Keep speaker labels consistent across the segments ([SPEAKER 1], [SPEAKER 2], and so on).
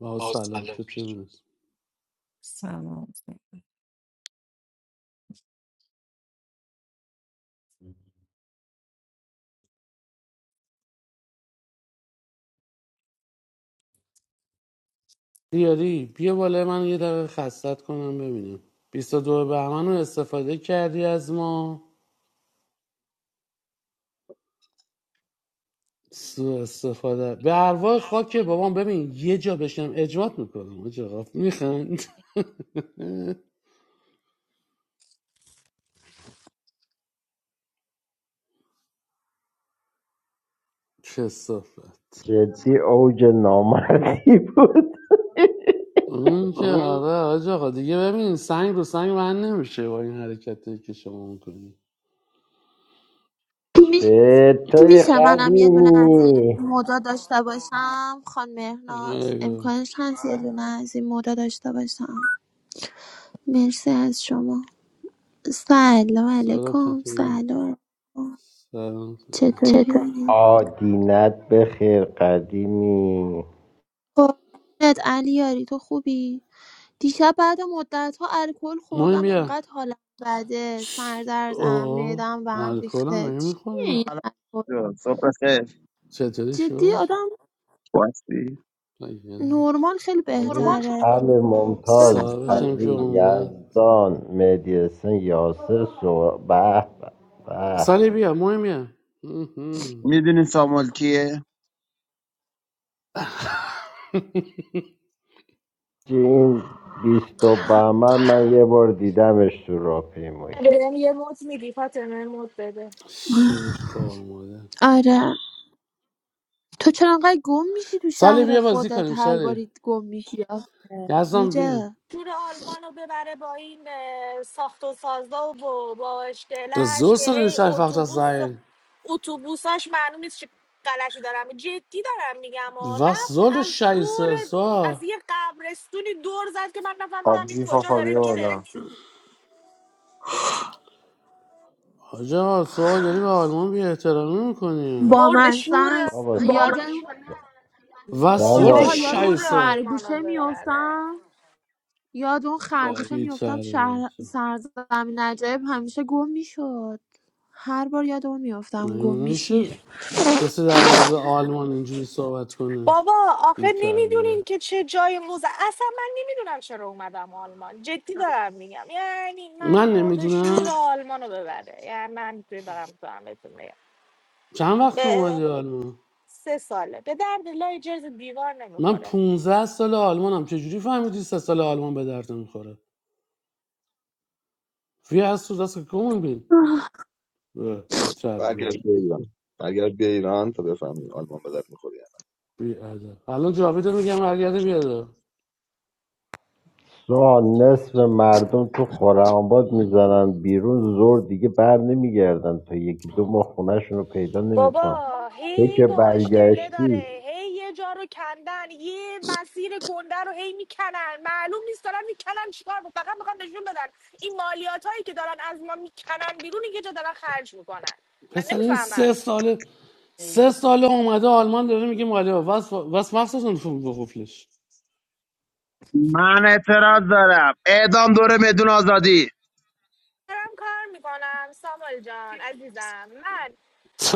[SPEAKER 1] با
[SPEAKER 2] Oh,
[SPEAKER 1] سلام
[SPEAKER 2] I'm
[SPEAKER 1] چطور دیاری بیا بالا من یه دقیقه خستت کنم ببینم 22 بهمن رو استفاده کردی از ما سوء استفاده به ارواح خاک بابام ببین یه جا بشم اجمات میکنم آج آقا میخند کسافت
[SPEAKER 3] جدی اوج نامردی بود
[SPEAKER 1] اون که آره آج آقا دیگه ببین سنگ رو سنگ من نمیشه با این حرکتی که شما میکنی
[SPEAKER 3] به طور
[SPEAKER 4] میشه منم یه دونه از این
[SPEAKER 3] قدیمی
[SPEAKER 4] مودا داشته باشم خان مهناز
[SPEAKER 1] ایگو
[SPEAKER 4] امکانش هست یه دونه از این مودا داشته باشم مرسی از شما سلام
[SPEAKER 1] سلام
[SPEAKER 4] علیکم
[SPEAKER 1] چطوری
[SPEAKER 4] سلام
[SPEAKER 1] سلام سلام
[SPEAKER 4] چطوری؟
[SPEAKER 3] آدینت به خیر قدیمی
[SPEAKER 4] قربونت علی یاری تو خوبی؟ دیشب بعد مدت ها الکل
[SPEAKER 1] مهم
[SPEAKER 4] خوردم
[SPEAKER 1] بیا
[SPEAKER 4] انقدر حالم بده سردردم
[SPEAKER 1] اوه
[SPEAKER 4] معدم به هم
[SPEAKER 1] الکل هم
[SPEAKER 4] ریخته
[SPEAKER 1] مگه
[SPEAKER 4] چیه
[SPEAKER 1] میخوره
[SPEAKER 4] این
[SPEAKER 5] سلام
[SPEAKER 4] الکل؟
[SPEAKER 5] جو صبح خیر
[SPEAKER 1] چطوری
[SPEAKER 4] جدی
[SPEAKER 1] شو؟
[SPEAKER 4] آدم
[SPEAKER 5] خواستی
[SPEAKER 1] نگیرم
[SPEAKER 4] نرمال خیلی بهتره
[SPEAKER 3] همه
[SPEAKER 4] چرا
[SPEAKER 3] ممتاز
[SPEAKER 1] صاحبش
[SPEAKER 4] الکل
[SPEAKER 1] هم که
[SPEAKER 3] عزیز
[SPEAKER 4] می‌خوره؟
[SPEAKER 1] اومد
[SPEAKER 3] یزدان مدیسن یاسر سو به به به.
[SPEAKER 1] سالی بیا مهمیه مهم.
[SPEAKER 5] میدونی سامول کیه
[SPEAKER 3] چی این بیست و بهمن من یه بار دیدمش تو راهپیمایی
[SPEAKER 6] بهم یه موت میدی فاطمه موت بده
[SPEAKER 1] شوی خوار ماده
[SPEAKER 4] آره تو چرا انقدر گم میشی تو
[SPEAKER 1] سالی
[SPEAKER 4] شهر
[SPEAKER 1] بیا بازی
[SPEAKER 4] خودت
[SPEAKER 1] کنیم
[SPEAKER 4] هر
[SPEAKER 1] سالی
[SPEAKER 4] باری گم میشی آخه؟
[SPEAKER 1] یزدان بیا
[SPEAKER 4] اینجا
[SPEAKER 6] تور آلمان رو ببره با این اه، ساخت و سازا و با
[SPEAKER 1] ده
[SPEAKER 6] اشکلش
[SPEAKER 1] زور
[SPEAKER 6] که
[SPEAKER 1] سر
[SPEAKER 6] هی
[SPEAKER 1] نیش einfach das
[SPEAKER 6] اتوبوس
[SPEAKER 1] sein
[SPEAKER 6] اتوبوساش معلوم نیست چه غلطی دارم جدی دارم میگم و
[SPEAKER 1] was
[SPEAKER 6] رفت
[SPEAKER 1] soll das
[SPEAKER 6] از دور
[SPEAKER 1] scheiße
[SPEAKER 6] از
[SPEAKER 1] so
[SPEAKER 6] یه قبرستونی دور زد که من نفهمیدم این
[SPEAKER 7] آبجی
[SPEAKER 6] کجا داره
[SPEAKER 7] فافالی
[SPEAKER 6] میره
[SPEAKER 7] بالا
[SPEAKER 1] آجا سوال داری به آلمان بی احترامی میکنی
[SPEAKER 4] با
[SPEAKER 6] مرد شور
[SPEAKER 4] است
[SPEAKER 3] بابا بابا
[SPEAKER 4] یادم
[SPEAKER 1] was soll
[SPEAKER 6] مرد
[SPEAKER 1] das
[SPEAKER 4] سوها یاد اون
[SPEAKER 6] شور
[SPEAKER 3] ساموئل
[SPEAKER 1] scheiße
[SPEAKER 6] آلمان رو
[SPEAKER 4] خرگوشه
[SPEAKER 6] ببره
[SPEAKER 4] میفتم یاد اون خرگوشه
[SPEAKER 1] بی
[SPEAKER 4] میفتم شهر
[SPEAKER 1] تربیت
[SPEAKER 4] سرزمین نجایب همیشه گم میشد هر بار یاد اون میفتم
[SPEAKER 1] مگه
[SPEAKER 4] گم میشی
[SPEAKER 1] میشه کسی در مورد آلمان اینجوری صحبت کنه
[SPEAKER 6] بابا
[SPEAKER 1] بی
[SPEAKER 6] آخه نمیدونین
[SPEAKER 1] تربیه
[SPEAKER 6] که چه جای موزه اصلا من نمیدونم چرا اومدم آلمان جدی دارم میگم یعنی من
[SPEAKER 1] من
[SPEAKER 6] مرد شور
[SPEAKER 1] نمیدونم
[SPEAKER 6] آلمانو ببره یعنی من ببرم تو همتون میگم
[SPEAKER 1] چند وقت
[SPEAKER 6] به-
[SPEAKER 1] اومدی آلمان
[SPEAKER 6] سه ساله به درد لای جرز دیوار
[SPEAKER 1] من
[SPEAKER 6] نمیخوره
[SPEAKER 1] 15 سال آلمانم چجوری فهمیدی سه سال آلمان به درد میخوره فی از تو دست کمون بین بی تربیت
[SPEAKER 8] برگرد به ایران برگرد به ایران تا بفهمی آلمان به درد میخوری
[SPEAKER 1] بی ادب الان جاوید میگم برگرده بیاد
[SPEAKER 3] سوهان نصف مردم تو خرم‌آباد میزنن بیرون زور دیگه بر نمیگردن تا یکی دو ماه خونه‌شون رو پیدا نمیکنن
[SPEAKER 6] بابا
[SPEAKER 3] تو
[SPEAKER 6] هی
[SPEAKER 3] که
[SPEAKER 6] با اشتله
[SPEAKER 3] برگشتی
[SPEAKER 6] داره هی یه جا رو کندن یه مسیر گنده رو هی میکنن معلوم نیست دارن میکنن چیکار فقط میخوان نشون بدن این مالیات هایی که دارن از ما میکنن بیرون یه جا دارن خرج میکنن من
[SPEAKER 1] پسر این
[SPEAKER 6] نمیفهمم
[SPEAKER 1] سه ساله سه ساله اومده آلمان داره میگه مالی واس واس مخصوصا فوق بخوفلش.
[SPEAKER 5] من اعتراض دارم اعدام دوره بدون آزادی
[SPEAKER 6] دارم کار میکنم سامال جان عزیزم من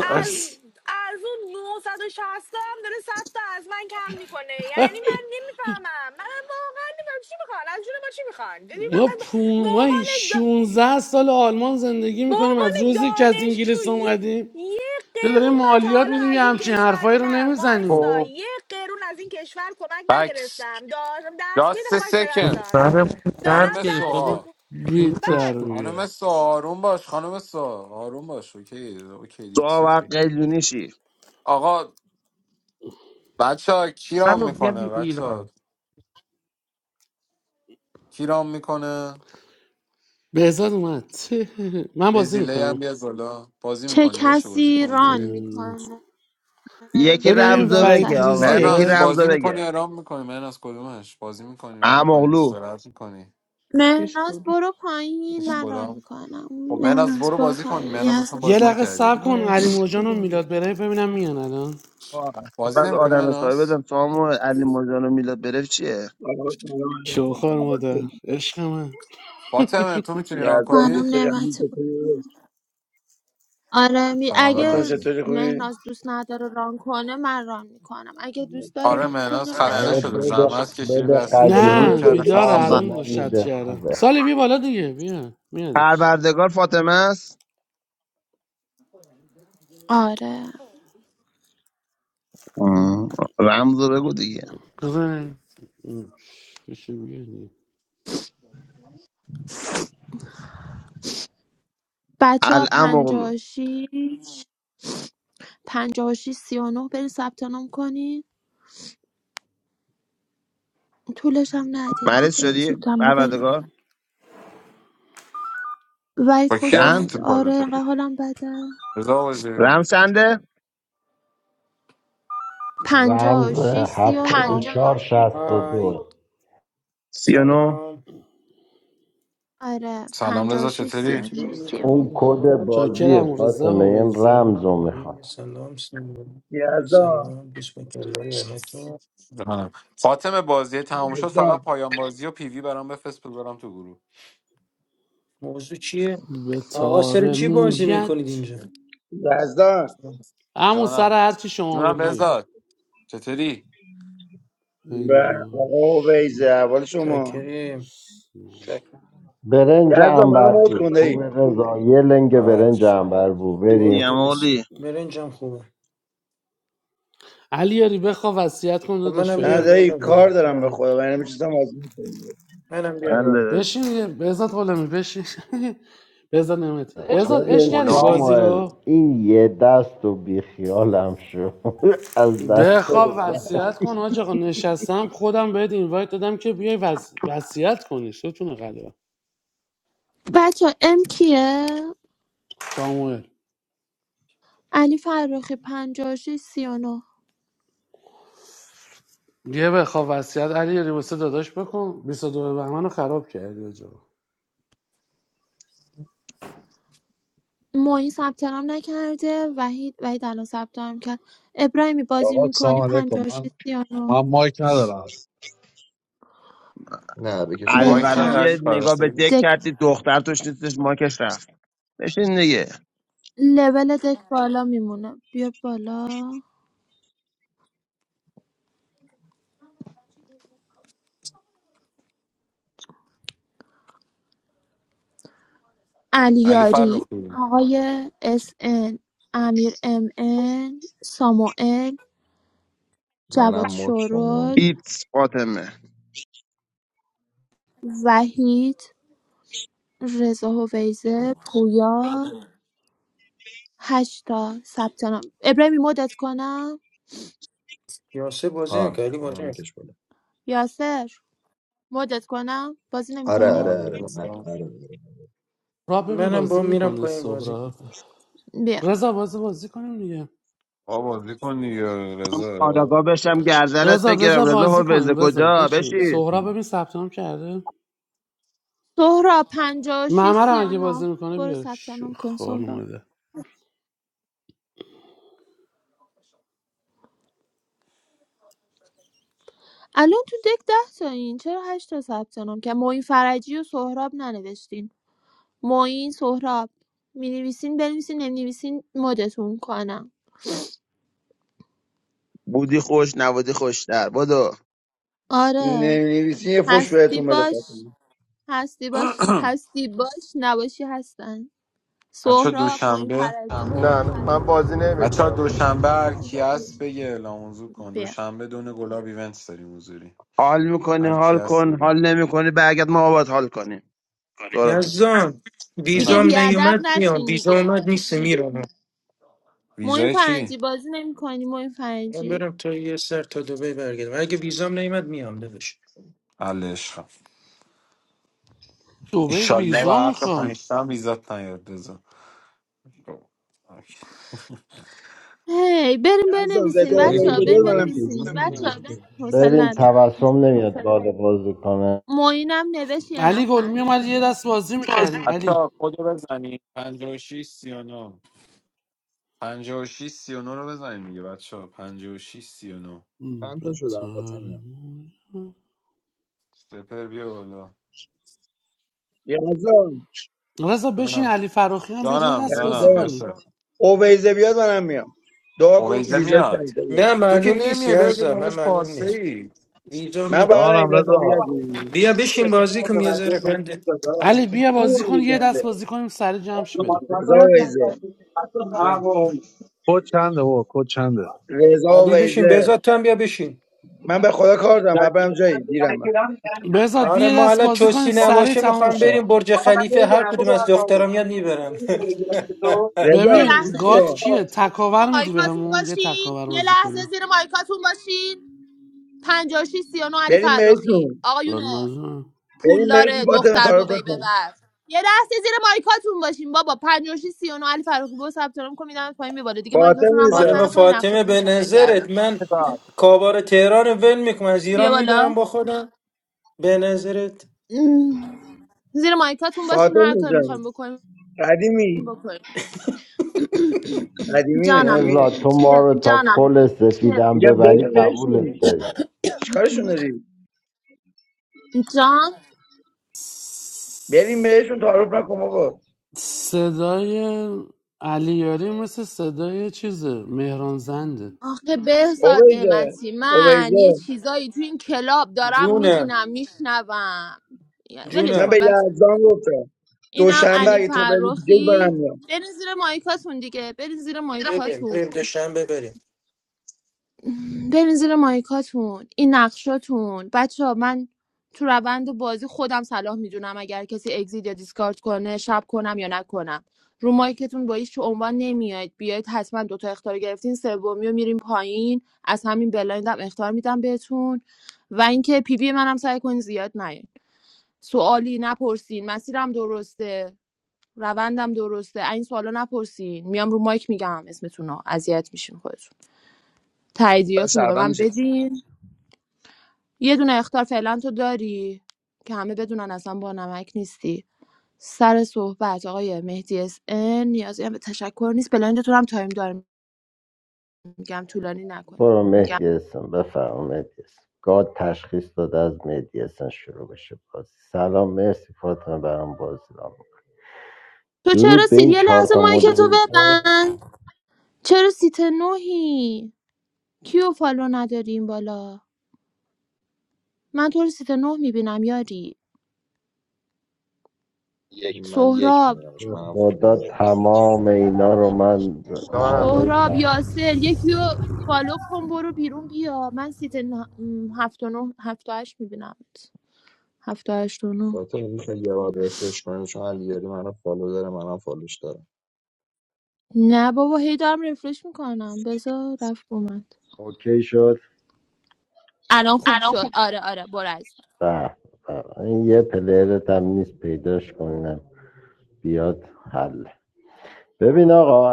[SPEAKER 6] از از اون 960 تا هم داره 100 تا از من کم میکنه یعنی من نمیفهمم من واقعا نمیفهمم چی میخوان از جون ما چی میخوان یعنی من
[SPEAKER 1] ما,
[SPEAKER 6] من- به
[SPEAKER 1] پون... ما
[SPEAKER 6] عنوان دا...
[SPEAKER 1] 16 سال آلمان زندگی
[SPEAKER 6] به
[SPEAKER 1] میکنیم
[SPEAKER 6] عنوان
[SPEAKER 1] از روزی که از
[SPEAKER 6] دانشجو
[SPEAKER 1] انگلیس
[SPEAKER 6] یه
[SPEAKER 1] اومدیم
[SPEAKER 6] یه
[SPEAKER 1] تو داریم
[SPEAKER 6] قرون من تا
[SPEAKER 1] مالیات
[SPEAKER 6] حالا
[SPEAKER 1] میدیم یه
[SPEAKER 6] از این
[SPEAKER 1] همچین
[SPEAKER 6] کشور
[SPEAKER 1] حرفایی رو
[SPEAKER 6] نه
[SPEAKER 1] نمیزنیم
[SPEAKER 6] وایستا
[SPEAKER 7] خب
[SPEAKER 6] یه قرون از این کشور کمک
[SPEAKER 7] بکس
[SPEAKER 6] نگرفتم دارم درس میده
[SPEAKER 7] جاست
[SPEAKER 6] وایستا
[SPEAKER 7] سکند
[SPEAKER 9] Khalid,
[SPEAKER 6] یزدان دارم
[SPEAKER 7] خانم
[SPEAKER 6] درس
[SPEAKER 7] سوها
[SPEAKER 1] بی
[SPEAKER 6] میخونم
[SPEAKER 1] تربیت
[SPEAKER 7] خانم سوها آروم باش خانم سوها آروم باش اوکی اوکی
[SPEAKER 5] تو
[SPEAKER 7] ایتس اوکی
[SPEAKER 5] وقت قیدونی شی
[SPEAKER 7] آقا بچه ها کیرام میکنه بچه ها کیرام میکنه
[SPEAKER 1] بهزاد اومد من بازی
[SPEAKER 7] بزیله
[SPEAKER 1] میکنم
[SPEAKER 7] هم بیا بالا بازی
[SPEAKER 4] چه
[SPEAKER 7] میکنی باشه بازی کن
[SPEAKER 4] کسی ران
[SPEAKER 7] اوکی
[SPEAKER 4] میکنه
[SPEAKER 5] یکی
[SPEAKER 1] ببینم
[SPEAKER 4] این
[SPEAKER 1] این
[SPEAKER 5] رمزو
[SPEAKER 1] وحید
[SPEAKER 5] بگه
[SPEAKER 4] بهتره
[SPEAKER 5] آقا یکی
[SPEAKER 7] مهناز
[SPEAKER 1] گریزلیه
[SPEAKER 5] رمزو
[SPEAKER 7] بازی میکنی
[SPEAKER 5] بگه
[SPEAKER 7] یا رام میکنی مهناز کدومش بازی میکنی رام میکنی
[SPEAKER 5] امغلو
[SPEAKER 7] استراحت میکنی
[SPEAKER 4] مهناز برو پایین
[SPEAKER 7] هیچ
[SPEAKER 4] من ران
[SPEAKER 7] کدام
[SPEAKER 4] میکنم
[SPEAKER 7] خب مهناز
[SPEAKER 4] مهناز
[SPEAKER 7] برو
[SPEAKER 4] برو
[SPEAKER 7] بازی کن
[SPEAKER 4] پایین یه
[SPEAKER 7] مهناز اصلا
[SPEAKER 4] حسن
[SPEAKER 1] یه
[SPEAKER 7] بازی
[SPEAKER 4] تو-
[SPEAKER 1] لقه
[SPEAKER 7] نکردی
[SPEAKER 1] صبر کن علی
[SPEAKER 2] so
[SPEAKER 1] موجان و
[SPEAKER 2] good.
[SPEAKER 1] میلاد برای ببینم میان الان
[SPEAKER 7] بازی
[SPEAKER 5] بعد
[SPEAKER 7] نمیکنی
[SPEAKER 5] آدم حسابی
[SPEAKER 7] مهناز
[SPEAKER 5] بدم سامو علی مجان و میلاد برف چیه
[SPEAKER 10] آقا، سلام علیکم.
[SPEAKER 1] شوخار مادر
[SPEAKER 10] احوالتون؟
[SPEAKER 1] عشق من
[SPEAKER 7] فاطمه تو میتونی ران
[SPEAKER 10] یزدان
[SPEAKER 4] سلام
[SPEAKER 7] کنی؟
[SPEAKER 10] چطوری همین
[SPEAKER 4] نعمتی بود.
[SPEAKER 10] چطوری
[SPEAKER 4] آره می
[SPEAKER 7] سلام
[SPEAKER 10] فاطمه
[SPEAKER 4] اگه
[SPEAKER 7] نمیتونی
[SPEAKER 10] چطوری خوبی
[SPEAKER 4] مهناز دوست نداره ران کنه من ران میکنم اگه دوست داره
[SPEAKER 7] آره
[SPEAKER 4] ران
[SPEAKER 7] مهناز
[SPEAKER 4] کنه
[SPEAKER 3] نه
[SPEAKER 4] ران
[SPEAKER 7] خسته
[SPEAKER 3] آره برات
[SPEAKER 4] کنم
[SPEAKER 7] شده
[SPEAKER 3] آره بده شد.
[SPEAKER 7] زحمت کشیده
[SPEAKER 3] بده
[SPEAKER 7] دست پیش رو
[SPEAKER 3] قدیمی
[SPEAKER 7] ران
[SPEAKER 1] نه
[SPEAKER 7] کرده
[SPEAKER 3] دیتا
[SPEAKER 1] بیداره
[SPEAKER 7] خسته
[SPEAKER 3] هم
[SPEAKER 7] شده
[SPEAKER 3] به
[SPEAKER 4] با...
[SPEAKER 1] الان رو
[SPEAKER 3] من
[SPEAKER 1] شد
[SPEAKER 3] میده
[SPEAKER 1] کردم
[SPEAKER 3] خوبه
[SPEAKER 1] سالی بی بالا دیگه بیا میادش
[SPEAKER 5] پروردگار فاطمه است
[SPEAKER 4] آره
[SPEAKER 5] آه، رمزو بگو دیگه
[SPEAKER 1] بزن. بشین بیا دیگه.
[SPEAKER 4] بچه ها
[SPEAKER 5] الامغلو
[SPEAKER 4] پنجاه و شیش پنجاه و شیش، سی و نه برین ثبت نام کنین طولش هم ندین
[SPEAKER 5] مریض
[SPEAKER 4] دیگه زود
[SPEAKER 5] شدی
[SPEAKER 4] هم بریم
[SPEAKER 5] پروردگار
[SPEAKER 4] وید
[SPEAKER 7] با کی
[SPEAKER 4] خوش
[SPEAKER 7] رفتی
[SPEAKER 4] اومدی
[SPEAKER 7] تو
[SPEAKER 5] چند
[SPEAKER 4] آره
[SPEAKER 7] پادت
[SPEAKER 4] اینقدر حالم بده
[SPEAKER 7] رضا وزیرون
[SPEAKER 5] رمز چنده
[SPEAKER 4] پنجاه و
[SPEAKER 3] رمز
[SPEAKER 4] شیش
[SPEAKER 3] هفتاد
[SPEAKER 4] سی و
[SPEAKER 3] و
[SPEAKER 4] نه
[SPEAKER 3] چهار شست و
[SPEAKER 11] های
[SPEAKER 3] دو
[SPEAKER 5] سی و نو
[SPEAKER 11] سلام
[SPEAKER 4] آره
[SPEAKER 7] سلام
[SPEAKER 4] پنجاه و
[SPEAKER 7] رضا
[SPEAKER 4] شیش سی
[SPEAKER 7] چطوری؟
[SPEAKER 4] و نه
[SPEAKER 11] چطوری
[SPEAKER 3] اون
[SPEAKER 11] خوبی؟
[SPEAKER 7] آره.
[SPEAKER 3] کد بازی
[SPEAKER 1] چاکرم رضا
[SPEAKER 3] فاطمه این
[SPEAKER 1] هویزه
[SPEAKER 3] رمز رو
[SPEAKER 11] سلام
[SPEAKER 3] میخواد
[SPEAKER 11] علی. سلام سلام
[SPEAKER 10] یزدان
[SPEAKER 11] سلام بسم الله رحمتون
[SPEAKER 7] جانم فاطمه بازی تمام شد فقط
[SPEAKER 10] یزدان
[SPEAKER 7] پایان بازی و پیوی برام بفرست بذارم تو گروه
[SPEAKER 11] موضوع چیه
[SPEAKER 1] به
[SPEAKER 11] آقا سر
[SPEAKER 1] تار
[SPEAKER 11] چی بازی میکنید
[SPEAKER 1] مویت
[SPEAKER 11] اینجا
[SPEAKER 10] یزدان
[SPEAKER 1] همون سر
[SPEAKER 7] جانم
[SPEAKER 1] هرچی شما
[SPEAKER 7] جونم
[SPEAKER 1] بگی
[SPEAKER 7] بهزاد چطوری؟
[SPEAKER 10] و
[SPEAKER 1] پنجاه و
[SPEAKER 10] آقا ویزه احوال شما
[SPEAKER 11] چاکریم
[SPEAKER 3] برنج
[SPEAKER 10] یزدان منو
[SPEAKER 3] انبر
[SPEAKER 10] مود
[SPEAKER 3] بود
[SPEAKER 10] کن دایی
[SPEAKER 3] خوبه رضا یه لنگ برنج
[SPEAKER 7] آش.
[SPEAKER 3] انبر بود
[SPEAKER 11] برو
[SPEAKER 3] بریم
[SPEAKER 5] دیگه
[SPEAKER 11] درستی
[SPEAKER 5] مولی
[SPEAKER 11] برنجم خوبه
[SPEAKER 1] علی یاری بخوا وصیت کن
[SPEAKER 11] خب
[SPEAKER 1] داداش
[SPEAKER 11] منم
[SPEAKER 10] نه
[SPEAKER 11] بیار
[SPEAKER 1] فعلا
[SPEAKER 10] دایی
[SPEAKER 11] بالا
[SPEAKER 10] کار
[SPEAKER 11] دیگه
[SPEAKER 10] دارم به
[SPEAKER 11] منم
[SPEAKER 10] خدا من نمیشستم از این کنم.
[SPEAKER 11] منم بیار بالا
[SPEAKER 1] بشین دیگه. بهزاد غلامی بشین بهزاد نعمتی بهزاد اش
[SPEAKER 3] ببین
[SPEAKER 1] کردی
[SPEAKER 7] غلامی
[SPEAKER 1] بازی
[SPEAKER 3] ساموئل
[SPEAKER 1] رو
[SPEAKER 3] این یه دست و بیخیالم شو از دست
[SPEAKER 1] بخوا
[SPEAKER 3] من.
[SPEAKER 1] وصیت کن حاج آقا نشستم خودم بهت اینوایت دادم که بیای وص... وصیت کنی ستون قدرم
[SPEAKER 4] بچه ام کیه؟
[SPEAKER 1] ساموئل
[SPEAKER 4] علی فرخی پنجاه و شیش سی و نه
[SPEAKER 1] یه بخوا وصیت علی یاری واسه داداش بکن 22 بهمن رو خراب کردی حاج آقا.
[SPEAKER 4] معین ثبت نام نکرده وحید وحید الان ثبت نام کرد ابراهیمی بازی
[SPEAKER 12] Kavat saam
[SPEAKER 4] میکنی
[SPEAKER 12] lekoman,
[SPEAKER 4] 56 سیانو
[SPEAKER 12] ma maik nederat.
[SPEAKER 8] نه بکشم
[SPEAKER 7] با
[SPEAKER 8] بالا
[SPEAKER 7] ایشان یا
[SPEAKER 4] بهتر
[SPEAKER 5] الورقی
[SPEAKER 7] علی
[SPEAKER 5] نگاه به
[SPEAKER 7] فرخی
[SPEAKER 5] دک
[SPEAKER 4] دک
[SPEAKER 5] کردی دختر توش نیستش ماکش رفت بشین دیگه
[SPEAKER 4] لول دک بالا میمونه بیا بالا
[SPEAKER 7] علی
[SPEAKER 4] علیاری
[SPEAKER 7] فرخی
[SPEAKER 4] آقای اس ان امیر ام ان ساموئل جواد
[SPEAKER 8] منم مد شما
[SPEAKER 4] شورل
[SPEAKER 5] ایپس فاطمه
[SPEAKER 4] وحید رضا هویزه پویا هشتا ثبت نام ابراهیمی مدت کنم
[SPEAKER 11] یاسه بازی
[SPEAKER 8] ها
[SPEAKER 11] نمیکنه علی بازی
[SPEAKER 8] منم
[SPEAKER 11] نمی‌کنه.
[SPEAKER 8] بکش بالا
[SPEAKER 4] یاسر مدت کنم بازی
[SPEAKER 8] آره
[SPEAKER 4] نمیکنی
[SPEAKER 7] اینا
[SPEAKER 8] آره آره نه، آره آره, آره.
[SPEAKER 1] را ببین
[SPEAKER 8] بکشم
[SPEAKER 11] منم با
[SPEAKER 1] بازی
[SPEAKER 8] بالا
[SPEAKER 11] میرم
[SPEAKER 1] میکنه
[SPEAKER 11] پایین بازی
[SPEAKER 1] سهرا
[SPEAKER 11] میکنم
[SPEAKER 4] بیا
[SPEAKER 1] رضا بازی بازی کنیم دیگه
[SPEAKER 7] بازی کن دیگه رضا
[SPEAKER 5] آراگاه بشم گردنت
[SPEAKER 1] رضا
[SPEAKER 5] بگیرم
[SPEAKER 1] بزا
[SPEAKER 5] رضا
[SPEAKER 1] بازی
[SPEAKER 5] هربز
[SPEAKER 1] کنیم رضا
[SPEAKER 5] کجا
[SPEAKER 1] بشین
[SPEAKER 5] بشین
[SPEAKER 1] سهرا ببین ثبت نام کرده
[SPEAKER 4] سهراب پنجاه و شیش
[SPEAKER 1] معمر
[SPEAKER 4] سی
[SPEAKER 1] هم
[SPEAKER 4] و
[SPEAKER 1] اگه بازی
[SPEAKER 4] نه
[SPEAKER 1] میکنه
[SPEAKER 4] برو
[SPEAKER 1] بیار
[SPEAKER 4] ثبت
[SPEAKER 1] شو
[SPEAKER 4] نام کن
[SPEAKER 1] خار
[SPEAKER 4] سهراب
[SPEAKER 1] ماده
[SPEAKER 4] الان تو دک ده تا این چرا هشت تا ثبت نام که معین فرجی و سهراب ننوشتین معین سهراب می نویسین بنویسین نمی نویسین مدتون کنم
[SPEAKER 5] بودی خوش نبودی خوشتر بدو
[SPEAKER 4] آره
[SPEAKER 10] نمی‌نویسین یه فش
[SPEAKER 4] هستی
[SPEAKER 10] بهتون بده
[SPEAKER 4] باش
[SPEAKER 10] فاطمه
[SPEAKER 4] هستی باش هستی باش نباشی هستن
[SPEAKER 7] بچه
[SPEAKER 4] سهراب معین
[SPEAKER 7] دوشنبه
[SPEAKER 13] No,
[SPEAKER 4] فرجی
[SPEAKER 13] I'm positive,
[SPEAKER 7] بچه
[SPEAKER 13] man.
[SPEAKER 7] دوشنبه هر کی هست بگه اعلام موضوع کن
[SPEAKER 4] بیا
[SPEAKER 7] دوشنبه دونه گلاب ایونت داریم حضوری
[SPEAKER 5] حال میکنی
[SPEAKER 7] هر کی
[SPEAKER 5] حال
[SPEAKER 7] هست
[SPEAKER 5] کن
[SPEAKER 7] بگه
[SPEAKER 5] حال نمیکنی برگرد ما باید حال کنیم سهراب جون.
[SPEAKER 11] یزدان
[SPEAKER 4] دیگه
[SPEAKER 7] جونم
[SPEAKER 11] ویزام
[SPEAKER 4] بیادب
[SPEAKER 11] نیومد میام
[SPEAKER 4] نشین
[SPEAKER 11] ویزا
[SPEAKER 4] دیگه
[SPEAKER 11] اومد نیست میرم
[SPEAKER 4] معین
[SPEAKER 7] ویزای چی؟
[SPEAKER 4] فرجی بازی نمی کنی معین
[SPEAKER 11] من
[SPEAKER 4] فرجی
[SPEAKER 11] برم تا یه سر تا دبی برگردم اگه ویزام نیمد میام داداش
[SPEAKER 7] عله عشقم
[SPEAKER 1] دوبه
[SPEAKER 7] ایشالله و
[SPEAKER 1] ویزا
[SPEAKER 7] حق
[SPEAKER 1] میخوان
[SPEAKER 7] پنجتم ویزات نیاد رضا اوکی.
[SPEAKER 4] هی بریم
[SPEAKER 10] یزدان
[SPEAKER 4] بنویسین
[SPEAKER 10] رضا
[SPEAKER 11] چه
[SPEAKER 8] ما این
[SPEAKER 4] بچه
[SPEAKER 8] فکر
[SPEAKER 4] ها
[SPEAKER 10] اویزه
[SPEAKER 11] می‌گویی؟
[SPEAKER 4] بریم
[SPEAKER 10] بیاد
[SPEAKER 8] کردیم
[SPEAKER 10] منم میام
[SPEAKER 8] کجاست
[SPEAKER 4] بنویسین
[SPEAKER 8] دیگه
[SPEAKER 4] حوصله
[SPEAKER 3] ببین
[SPEAKER 4] ندارم
[SPEAKER 3] تبسم نمیاد بالا بازی کنه
[SPEAKER 4] معینم نوشت یه
[SPEAKER 1] علی گل
[SPEAKER 4] نفر
[SPEAKER 1] میومد یه دست بازی میکردیم علی
[SPEAKER 7] بچه کدو بزنیم 56 39 56 39 رو بزنیم دیگه بچه ها. پنجاه و 39
[SPEAKER 1] م،
[SPEAKER 8] چند تا شدم فاطمه
[SPEAKER 7] سپر بیا بالا
[SPEAKER 10] یزدان
[SPEAKER 1] رضا بشین
[SPEAKER 7] جانم
[SPEAKER 1] علی فراخی هم بیاد یه
[SPEAKER 7] جانم
[SPEAKER 1] دست بازی
[SPEAKER 7] جانم
[SPEAKER 10] یزدان
[SPEAKER 1] کنیم
[SPEAKER 7] یاسر
[SPEAKER 10] اویزه بیاد منم میام دعا کن
[SPEAKER 7] اویزه
[SPEAKER 10] ویزا
[SPEAKER 7] میاد
[SPEAKER 10] کنسل
[SPEAKER 11] نه
[SPEAKER 10] بشه.
[SPEAKER 7] تو که
[SPEAKER 11] معلوم نیست
[SPEAKER 7] نمیای بگه
[SPEAKER 11] یزا من
[SPEAKER 7] دانش
[SPEAKER 11] معلوم
[SPEAKER 7] پارسه
[SPEAKER 11] نیست
[SPEAKER 7] ای
[SPEAKER 11] ویزام
[SPEAKER 10] من
[SPEAKER 11] نیست
[SPEAKER 10] فقط
[SPEAKER 12] Jaanam
[SPEAKER 10] این رضا
[SPEAKER 12] leza.
[SPEAKER 10] بیاد
[SPEAKER 11] بیا بشین بازی کن یه ذره بنده
[SPEAKER 1] علی بیا بازی کن یه دست بازی کنیم سری جمع شی بریم
[SPEAKER 10] رضا ویزه
[SPEAKER 11] بیا.
[SPEAKER 10] رضا
[SPEAKER 11] علی بشین
[SPEAKER 10] ویزه
[SPEAKER 11] بهزاد تو هم بیا بشین
[SPEAKER 10] من به خدا کار دارم من برم جایی دیرم من
[SPEAKER 1] بزاد بیا
[SPEAKER 11] آره
[SPEAKER 1] یه
[SPEAKER 11] ما
[SPEAKER 1] دست
[SPEAKER 11] حالا
[SPEAKER 1] بازی کنیم
[SPEAKER 11] چوسی
[SPEAKER 1] سری
[SPEAKER 11] نباشه
[SPEAKER 1] تموم
[SPEAKER 11] میخوام
[SPEAKER 1] شه
[SPEAKER 11] بریم برج خلیفه هر کدوم از دخترام یاد میبرم
[SPEAKER 4] یه
[SPEAKER 10] رضا
[SPEAKER 1] ببین
[SPEAKER 10] گوش
[SPEAKER 4] لحظه زیر
[SPEAKER 1] گاد
[SPEAKER 10] کن.
[SPEAKER 1] کیه تکاور میدی
[SPEAKER 4] مایکاتون
[SPEAKER 1] بهمون یه
[SPEAKER 4] باشین
[SPEAKER 1] تکاور
[SPEAKER 4] یه
[SPEAKER 1] بازی
[SPEAKER 4] لحظه
[SPEAKER 1] کنیم
[SPEAKER 4] زیر مایکاتون باشین 56 39 علی
[SPEAKER 10] بریم
[SPEAKER 4] فراخی
[SPEAKER 10] بهتون
[SPEAKER 4] آقایون
[SPEAKER 1] راننازم.
[SPEAKER 10] بریم بهتون
[SPEAKER 4] پولدار
[SPEAKER 10] فاطمه
[SPEAKER 4] دختر
[SPEAKER 10] تعارف
[SPEAKER 4] دبی
[SPEAKER 10] کن
[SPEAKER 4] ببر یه لحظه زیر مایکاتون باشین بابا 56 39 علی فراخی برو ثبت نام کن میدم پایین بیا بالا دیگه مایکاتون رو
[SPEAKER 10] فاطمه
[SPEAKER 4] هم باز
[SPEAKER 11] خانم
[SPEAKER 10] جان
[SPEAKER 4] نکنین
[SPEAKER 11] فاطمه
[SPEAKER 4] نقشاتون رو
[SPEAKER 11] به
[SPEAKER 4] شافل کردم
[SPEAKER 11] نظرت من
[SPEAKER 5] چیکار؟
[SPEAKER 11] کابار تهران رو ول میکنم از
[SPEAKER 4] بیا
[SPEAKER 11] ایران میبرم
[SPEAKER 4] بالا
[SPEAKER 11] با خودم به نظرت
[SPEAKER 4] ام. زیر مایکاتون باشین هر
[SPEAKER 10] فاطمه
[SPEAKER 4] کاری میخوایم
[SPEAKER 10] جان
[SPEAKER 4] بکنیم
[SPEAKER 10] قدیمی
[SPEAKER 4] بکنیم.
[SPEAKER 10] قدیمی
[SPEAKER 3] رضا
[SPEAKER 4] جانم
[SPEAKER 3] تو ما
[SPEAKER 4] چیه
[SPEAKER 3] رو تا جانم پل سفیدم
[SPEAKER 10] میگم
[SPEAKER 3] ببری
[SPEAKER 10] بریم بهشون
[SPEAKER 3] قبولت داریم
[SPEAKER 10] چیکارشون داری
[SPEAKER 4] جان
[SPEAKER 10] بریم بهشون تعارف نکن آقا
[SPEAKER 1] صدای علیاری مثل صدای چیزه مهران زنده
[SPEAKER 4] آخه بهزاد
[SPEAKER 10] اویزه
[SPEAKER 4] نعمتی من یه
[SPEAKER 10] اویزه
[SPEAKER 4] چیزایی تو این کلاب دارم
[SPEAKER 11] جونم
[SPEAKER 4] میبینم میشنوم ولش
[SPEAKER 10] من به
[SPEAKER 11] جونم
[SPEAKER 4] کن بچه
[SPEAKER 10] یزدان گفتم
[SPEAKER 4] اینم
[SPEAKER 10] دوشنبه
[SPEAKER 4] علی
[SPEAKER 10] اگه تو بری دیگه
[SPEAKER 4] فرخی
[SPEAKER 10] برم میام
[SPEAKER 4] برین زیر مایکاتون دیگه برین زیر
[SPEAKER 11] بریم
[SPEAKER 4] مایکاتون
[SPEAKER 11] بریم دوشنبه بریم
[SPEAKER 4] برین زیر مایکاتون این نقشاتون بچه ها من تو روند بازی خودم صلاح میدونم اگر کسی اگزید یا دیسکارد کنه شب کنم یا نکنم رو مایکتون با هیچ عنوان نمیاید بیاید حتما دوتا اختار گرفتین سومی رو میریم پایین از همین بلایندم اختار میدم بهتون و اینکه پیوی منم سعی کنین زیاد نیاید سوالی نپرسین مسیرم درسته روندم درسته این سوالا نپرسین میام رو مایک میگم اسمتون رو اذیت میشین خودتون
[SPEAKER 5] داره
[SPEAKER 4] تاییدیاتون رو به
[SPEAKER 5] شربم
[SPEAKER 4] من
[SPEAKER 5] میشه
[SPEAKER 4] بدین یه دونه اختار فعلا تو داری که همه بدونن اصلا با نمک نیستی سر صحبت آقای مهدی اس ان نیازی هم به تشکر نیست بلایندتون هم تایم دارم میگم طولانی نکنی
[SPEAKER 3] برو جان. مهدی اسم بفرما مهدی اسم گاد تشخیص داده از مهدی اسم شروع بشه بازی سلام مرسی فاطمه برام بازی رام
[SPEAKER 4] تو
[SPEAKER 3] درود
[SPEAKER 4] چرا
[SPEAKER 3] به
[SPEAKER 4] سید
[SPEAKER 3] این
[SPEAKER 4] یه
[SPEAKER 3] چهار
[SPEAKER 4] لحظه
[SPEAKER 3] تا
[SPEAKER 4] مایک تو
[SPEAKER 3] مدریتور
[SPEAKER 4] ببند چرا سیت نوهی کیو فالو نداری این بالا من تو رو سیت نه میبینم یاری
[SPEAKER 8] من یک
[SPEAKER 4] سهراب
[SPEAKER 8] میبینمش منم فالو
[SPEAKER 3] خدا
[SPEAKER 8] دارم
[SPEAKER 3] تمام اینا رو من
[SPEAKER 13] Come on.
[SPEAKER 3] فالو
[SPEAKER 4] سهراب
[SPEAKER 3] کردم
[SPEAKER 4] یاسر یکیو فالو کن برو بیرون بیا من سیت نه... م، هفت و نه هفت و هشت میبینم هفت و هشت و نه
[SPEAKER 8] فاطمه میشه یه بار رفرش کنیم چون علیاری منو فالو داره منم فالوش دارم
[SPEAKER 4] نه بابا هی دارم رفرش میکنم بذار رفت اومد
[SPEAKER 3] اوکی شد
[SPEAKER 4] الان خوب شد آره آره برو از
[SPEAKER 3] به به. این یه پلیرت هم نیست پیداش کنم بیاد حل ببین آقا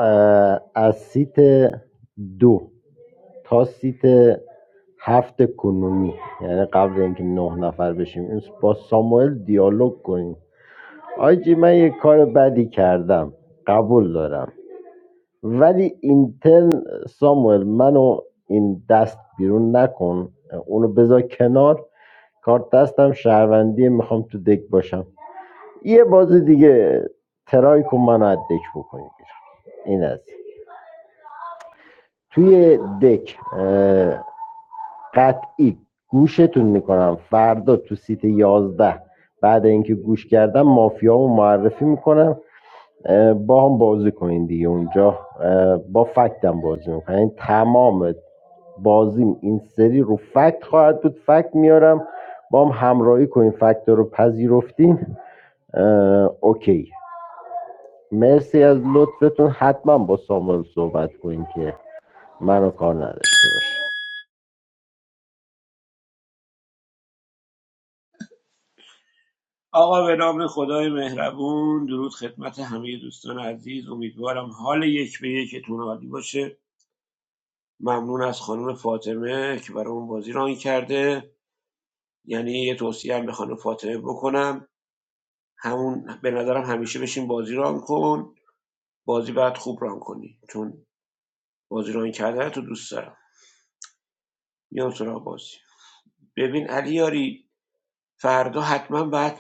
[SPEAKER 3] از سیت دو تا سیت هفت کنونی یعنی قبل اینکه نه نفر بشیم این با ساموئل دیالوگ کنیم آجی من یه کار بدی کردم قبول دارم ولی اینترن ساموئل منو این دست بیرون نکن اونو بذار کنار کارت دستم شهروندی میخوام تو دک باشم یه بازی دیگه ترای کن منو از دک بکنی این از توی دک اه، قطعی گوشتون میکنم فردا تو سیت یازده بعد اینکه گوش کردم مافیامو معرفی میکنم با هم بازی کنین دیگه اونجا با فکتم بازی میکنم یعنی تمام بازیم این سری رو فکت خواهد بود فکت میارم با هم همراهی کنین فکت رو پذیرفتین اه، اوکی مرسی از لطفتون حتما با ساموئل صحبت کنین که منو کار نداشته باشه
[SPEAKER 14] آقا به نام خدای مهربون درود خدمت همه دوستان عزیز امیدوارم حال یک به یکتون عالی باشه ممنون از خانم فاطمه که برای اون بازی ران کرده یعنی یه توصیه هم به خانم فاطمه بکنم همون به نظرم همیشه بشین بازی ران کن بازی بعد خوب ران کنی چون بازی ران کردن تو دوست دارم میام سراغ بازی ببین علی یاری فردا حتما باید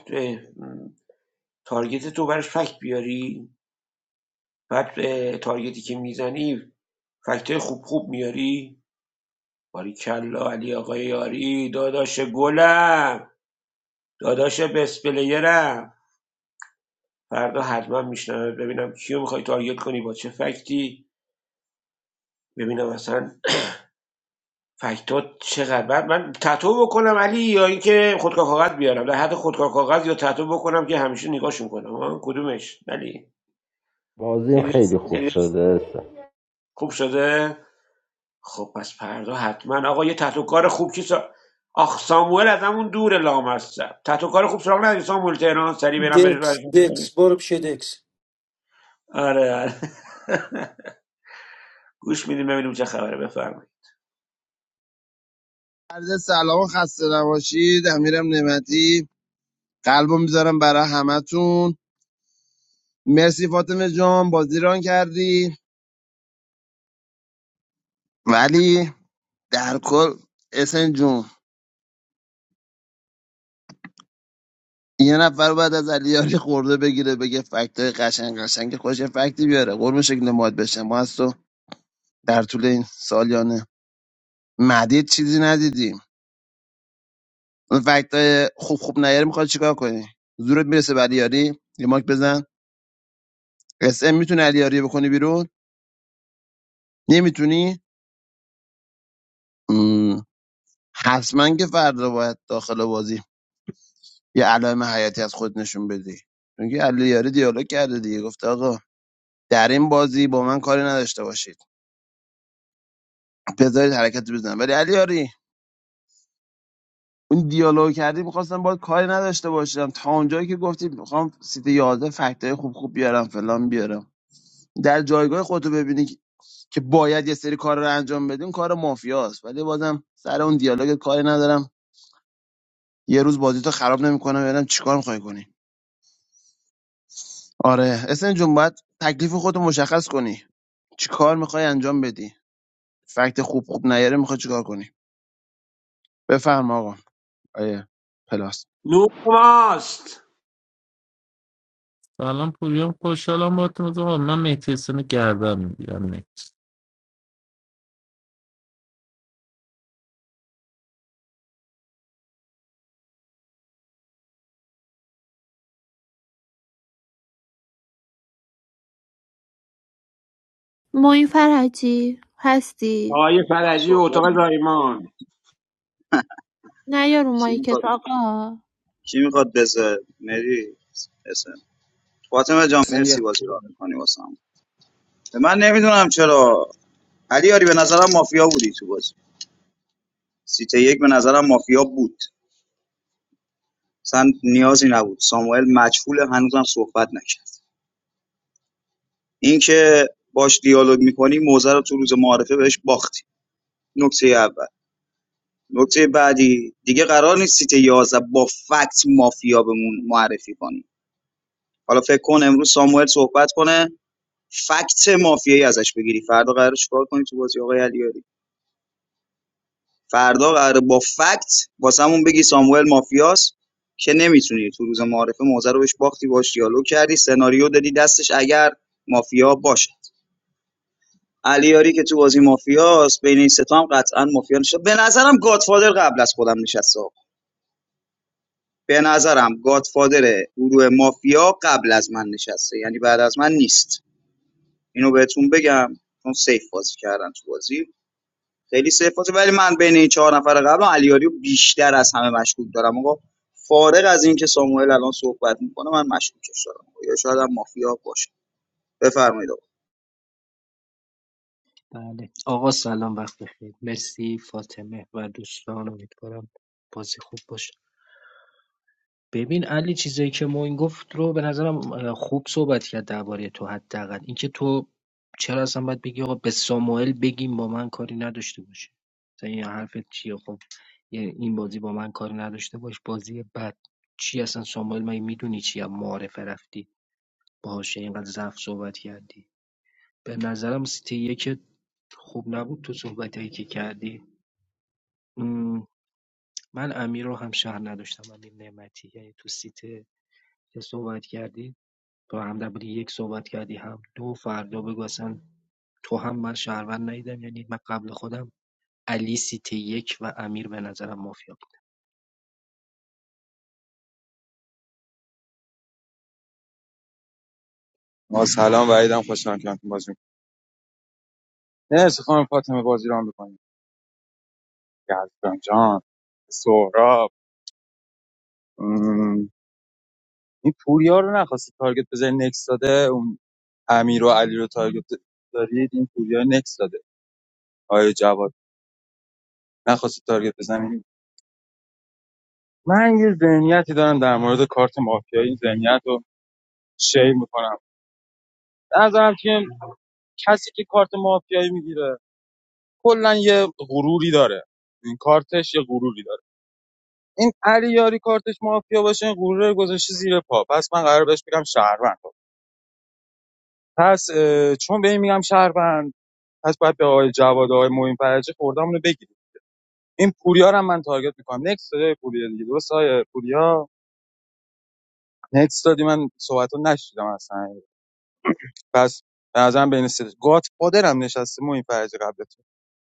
[SPEAKER 14] تارگت تو برش فکت بیاری بعد تارگتی که میزنی فکتای خوب خوب میاری؟ باریکلا علی آقای یاری داداش گلم داداش بس پلیرم فردا حتما میشنم ببینم کیو میخوای تارگت کنی با چه فکتی ببینم اصلا فکتات چقدر بعد من تتو بکنم علی یا اینکه خودکار کاغذ بیارم در حد خودکار کاغذ یا تتو بکنم که همیشه نگاش میکنم کدومش علی
[SPEAKER 3] بازیم
[SPEAKER 14] خیلی
[SPEAKER 3] خیلی خوب شده هستم
[SPEAKER 14] خوب شده خب پس فردا حتما آقا یه تحت و کار خوب چی سا... آخ ساموئل از همون دور لامصب تحت و کار خوب سراغ نداری ساموئل تهران سری برم بریم
[SPEAKER 11] دکس
[SPEAKER 14] برشون
[SPEAKER 11] دکس
[SPEAKER 14] بریم.
[SPEAKER 11] برو پیش دکس
[SPEAKER 14] آره آره گوش میدیم ببینیم چه خبره بفرمایید
[SPEAKER 5] عرض سلام و خسته نباشید امیرم نعمتی قلبو میذارم برای همتون مرسی فاطمه جان بازی ران کردی ولی در کل اسن جون یه نفر بعد از علیاری خورده بگیره بگه فکتای های قشنگ قشنگ خوش فکتی بیاره قرم شکل ماد بشه ما از تو در طول این سالیانه مدید چیزی ندیدیم اون فکتای خوب خوب نیاره میخواد چیکار کنی زورت میرسه به علیاری یه ماک بزن اس ام میتونه علیاری بکنی بیرون نمیتونی مم. حتما که فردا باید داخل بازی یه علائم حیاتی از خود نشون بدی چون که علیاری دیالوگ کرده دیگه گفته آقا در این بازی با من کاری نداشته باشید بذارید حرکت بزنم ولی علی یاری اون دیالوگ کردی میخواستم باید کاری نداشته باشم تا اونجایی که گفتی میخوام سیت 11 فکتای خوب خوب بیارم فلان بیارم در جایگاه خودتو ببینی که که باید یه سری کار رو انجام بدیم کار مافیاست ولی بازم سر اون دیالوگ کاری ندارم یه روز بازی تو خراب نمیکنم ببینم چیکار میخوای کنی آره اسن جون باید تکلیف خودتو مشخص کنی چیکار میخوای انجام بدی فکت خوب خوب نیاره میخوای چیکار کنی بفرما آقا آیه پلاس
[SPEAKER 14] نور ماست
[SPEAKER 4] معین فرجی هستی
[SPEAKER 14] آقای فرجی و
[SPEAKER 15] So what
[SPEAKER 14] اتاق زایمان
[SPEAKER 4] نه یارو مایکت آقا
[SPEAKER 15] Kim Kardashian, Mary, etc. What am I doing?
[SPEAKER 5] اصلا
[SPEAKER 15] I see what you're doing. My name is Omar. Ali, I see you're a mafia dude. You see, one day I see you're a mafia but, Saint, you're a Saint. Samuel, matchful. I'm not talking about this. Because you're talking about the Mafia. You're talking about the Mafia. You're talking about the Mafia. You're talking about the Mafia. Facts, mafia, yeah. Azash begirii. Far doqarosh kard koni tuvazi yaghayal yori. Far doqar bo facts bo samun begi Samuel mafia os. Khe ne mi touni tuhuzamarefe mauzar oish baqtivaziyalo kardi. Scenario dedi dashish agar mafia baše. Aliyari ke tuvazi mafia os peyni setam qat'an mafia neshab. Benazaram Godfather kablas kodalam nishasok. Benazaram Godfather e uroo mafia kablas man nishasie. Yani baad az man nist. Ino vetum begam kon safe vazikardan tuvazi. خیلی سفاته ولی من بین این چهار نفر قبل علیاری رو بیشتر از همه مشکوک دارم آقا فارغ از این که ساموئل الان صحبت میکنه من مشکوکش دارم یا شاید هم مافیا باشه بفرمایید آقا
[SPEAKER 16] بله آقا سلام وقت بخیر مرسی فاطمه و دوستان امیدوارم بازی خوب باشه ببین علی چیزایی که موین گفت رو به نظرم اه، خوب صحبت کرد درباره تو حداقل اینکه تو چرا اصلا باید بگی آقا به ساموئل بگیم با من کاری نداشته باشه مثلا این حرفت چیه خب یه- این بازی با من کاری نداشته باش بازی بد چی اصلا ساموئل مگه میدونی چی معارفه رفتی باشه اینقدر ضعف صحبت کردی به نظرم سیت یک خوب نبود تو صحبت هایی که کردی م، من امیر رو هم شهر نداشتم امیر نعمتی یعنی تو سیت که صحبت کردی با هم در بودی یک صحبت کردی هم دو فردا بگو اصلا تو هم من شهروند ندیدم یعنی من قبل خودم علی سیتی یک و امیر به نظرم مافیا
[SPEAKER 17] ما سلام وعیدم خوشحالم که همتون بازی می‌کنم. مرسی خانم فاطمه بازی رو میکنیم یزدان جان سهراب مم. این پوریا رو نخواستی تارگت بزنی نکس داده اون امیر و علی رو تارگت دارید این پوریا نکس داده آیا جواد نخواستی تارگت بزنی من یه ذهنیتی دارم در مورد کارت مافیایی این ذهنیت رو شیر میکنم نظرم که کسی که کارت مافیایی میگیره کلا یه غروری داره این کارتش یه غروری داره این علی یاری کارتش مافیا باشه این غرور رو گذاشته زیر پا پس من قرار بهش بگم شهروند پس اه، چون به این میگم شهروند پس باید به آقای جواد و آقای معین فرجی خوردمون رو بگیریم این پوریا رو هم من تارگت میکنم نکس دادی پوریا دیگه درست آیه پوریا نکس دادی من صحبت رو نشیدم اصلا پس به نظرم بین سه گات پادرم نشسته معین فرجی قبل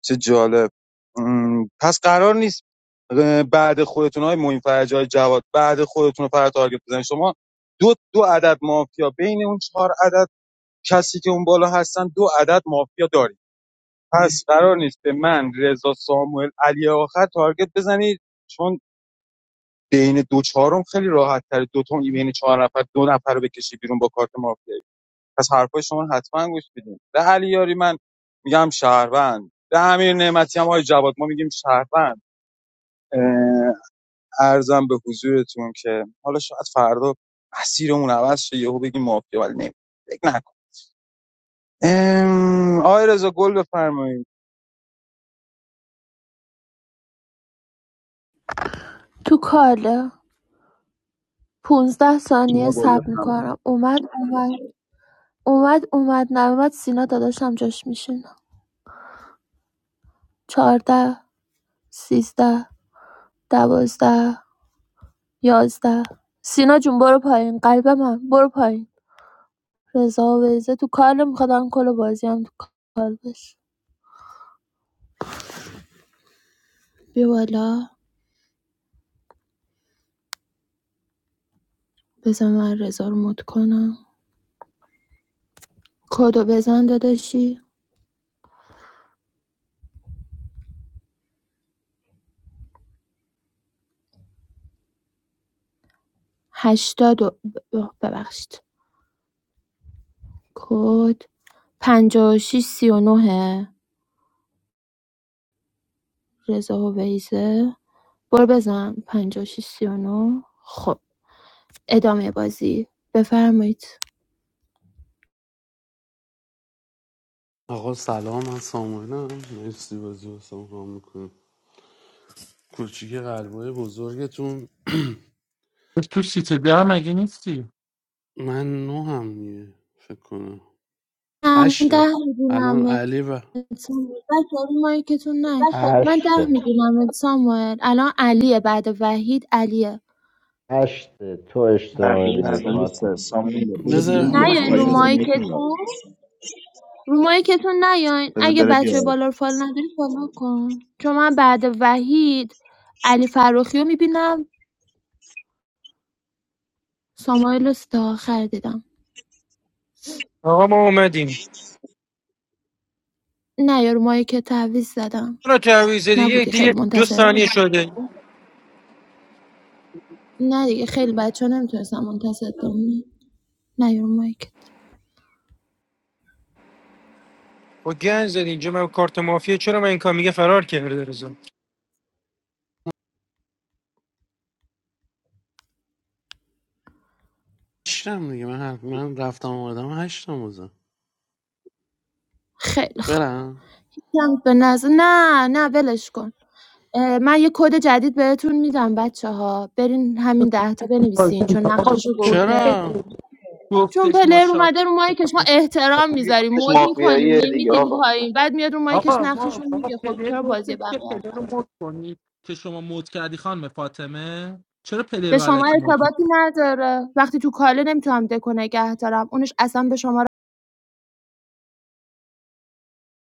[SPEAKER 17] چه جالب م، پس قرار نیست اه، بعد خودتون های معین فرجی های جواد بعد خودتون رو پر تارگت بزنید شما دو دو عدد مافیا بین اون چهار عدد کسی که اون بالا هستن دو عدد مافیا دارید پس قرار نیست به من رضا ساموئل علی آخر تارگت بزنید چون بین دو چهارم خیلی راحت تر دو تا بین چهار نفر دو نفر رو بکشی بیرون با کارت مافیا پس حرفای شما حتما گوش بدیم به علیاری من میگم شهروند به امیر نعمتی هم آقای جواد ما میگیم شهروند اه، ارزم به حضورتون که حالا شاید فردا مسیرمون عوض شه یهو بگیم مافیا ولی نمی فکر نکن ام، آقای رضا گل بفرمایید
[SPEAKER 4] تو کاله پونزده ثانیه
[SPEAKER 17] شما گل
[SPEAKER 4] صبر
[SPEAKER 17] بفرمایید
[SPEAKER 4] میکنم اومد اومد اومد اومد نیومد سینا داداشم جاش میشینم چهارده سیزده دوازده یازده سینا جون برو پایین قلب من برو پایین رضا و ویزه تو کاله میخواد کل بازی هم تو کال بشه بیا بالا بزن من رضا رو مد کنم کدو بزن داداشی هشتاد و اوه، ببخشید کد پنجاه و شیش سی و نوه رضا و ویزه برو بزن پنجاه و شیش سی و نو خب ادامه بازی بفرمایید
[SPEAKER 1] آقا سلام من ساموئلم مرسی بازی رو سامران میکنم کوچیک قلبای بزرگتون
[SPEAKER 9] I'm
[SPEAKER 1] من نو هم دیگه فکر کنم
[SPEAKER 4] نه، من ده
[SPEAKER 1] هشتم الان
[SPEAKER 4] میدونم
[SPEAKER 1] علی و
[SPEAKER 4] مایکتون نه من ده
[SPEAKER 3] هشته
[SPEAKER 4] میدونم ساموئل الان علیه بعد وحید علیه
[SPEAKER 3] هشته تو اشتباه امیر میبینی
[SPEAKER 8] نه
[SPEAKER 3] فاطمه
[SPEAKER 8] نیست سامویل برو
[SPEAKER 1] بذار
[SPEAKER 8] بیرون بیا
[SPEAKER 1] ورود
[SPEAKER 4] نیاین
[SPEAKER 8] آقا
[SPEAKER 4] رو
[SPEAKER 1] خروج
[SPEAKER 8] یه
[SPEAKER 1] بزن
[SPEAKER 8] برو مایک نگاه
[SPEAKER 4] مایکتون رو مایکتون نیاین
[SPEAKER 8] بذار
[SPEAKER 4] اگه
[SPEAKER 8] بره بیا
[SPEAKER 4] بچه بالا رو فال نداری فالو کن چون من بعد وحید علی فروخی رو میبینم سامایل رو ستا آخر دیدم
[SPEAKER 11] آقا ما اومدیم
[SPEAKER 4] نه یا رو مایکت تعویز زدم
[SPEAKER 11] چرا تعویض دیگه
[SPEAKER 4] نبودی خیلی
[SPEAKER 11] دیگه دو
[SPEAKER 4] منتظر بودم.
[SPEAKER 11] ثانیه شده
[SPEAKER 4] نه دیگه خیلی بچه ها نمیتونستم منتظر بمونم نه یا رو مایکت
[SPEAKER 11] با گن زد اینجا من کارت مافیا چرا من این کار میگه فرار کرده رضا
[SPEAKER 1] هشتم دیگه من, هر... من رفتم آمدم هشتم بزن
[SPEAKER 4] خیلی خوب
[SPEAKER 1] برم
[SPEAKER 4] می‌گم به نظر نه نه ولش کن اه، من یه کد جدید بهتون میدم بچه ها برین همین ده تا بنویسین چون نقشش رو گفته
[SPEAKER 1] چرا
[SPEAKER 4] چون پلر اومده رو مایکش ما احترام
[SPEAKER 15] میگه
[SPEAKER 4] میذاریم
[SPEAKER 15] کارش
[SPEAKER 4] مد میکنیم
[SPEAKER 15] مافیایی دیگه
[SPEAKER 4] نمیدیم
[SPEAKER 15] آقا
[SPEAKER 4] پایین بعد میاد رو مایکش نقشش رو میگه خب چرا بازی بقیه رو به شما
[SPEAKER 9] sorry.
[SPEAKER 4] ارتباطی نداره وقتی تو کاله نمیتونم دکو نگه دارم اونش اصلا به شما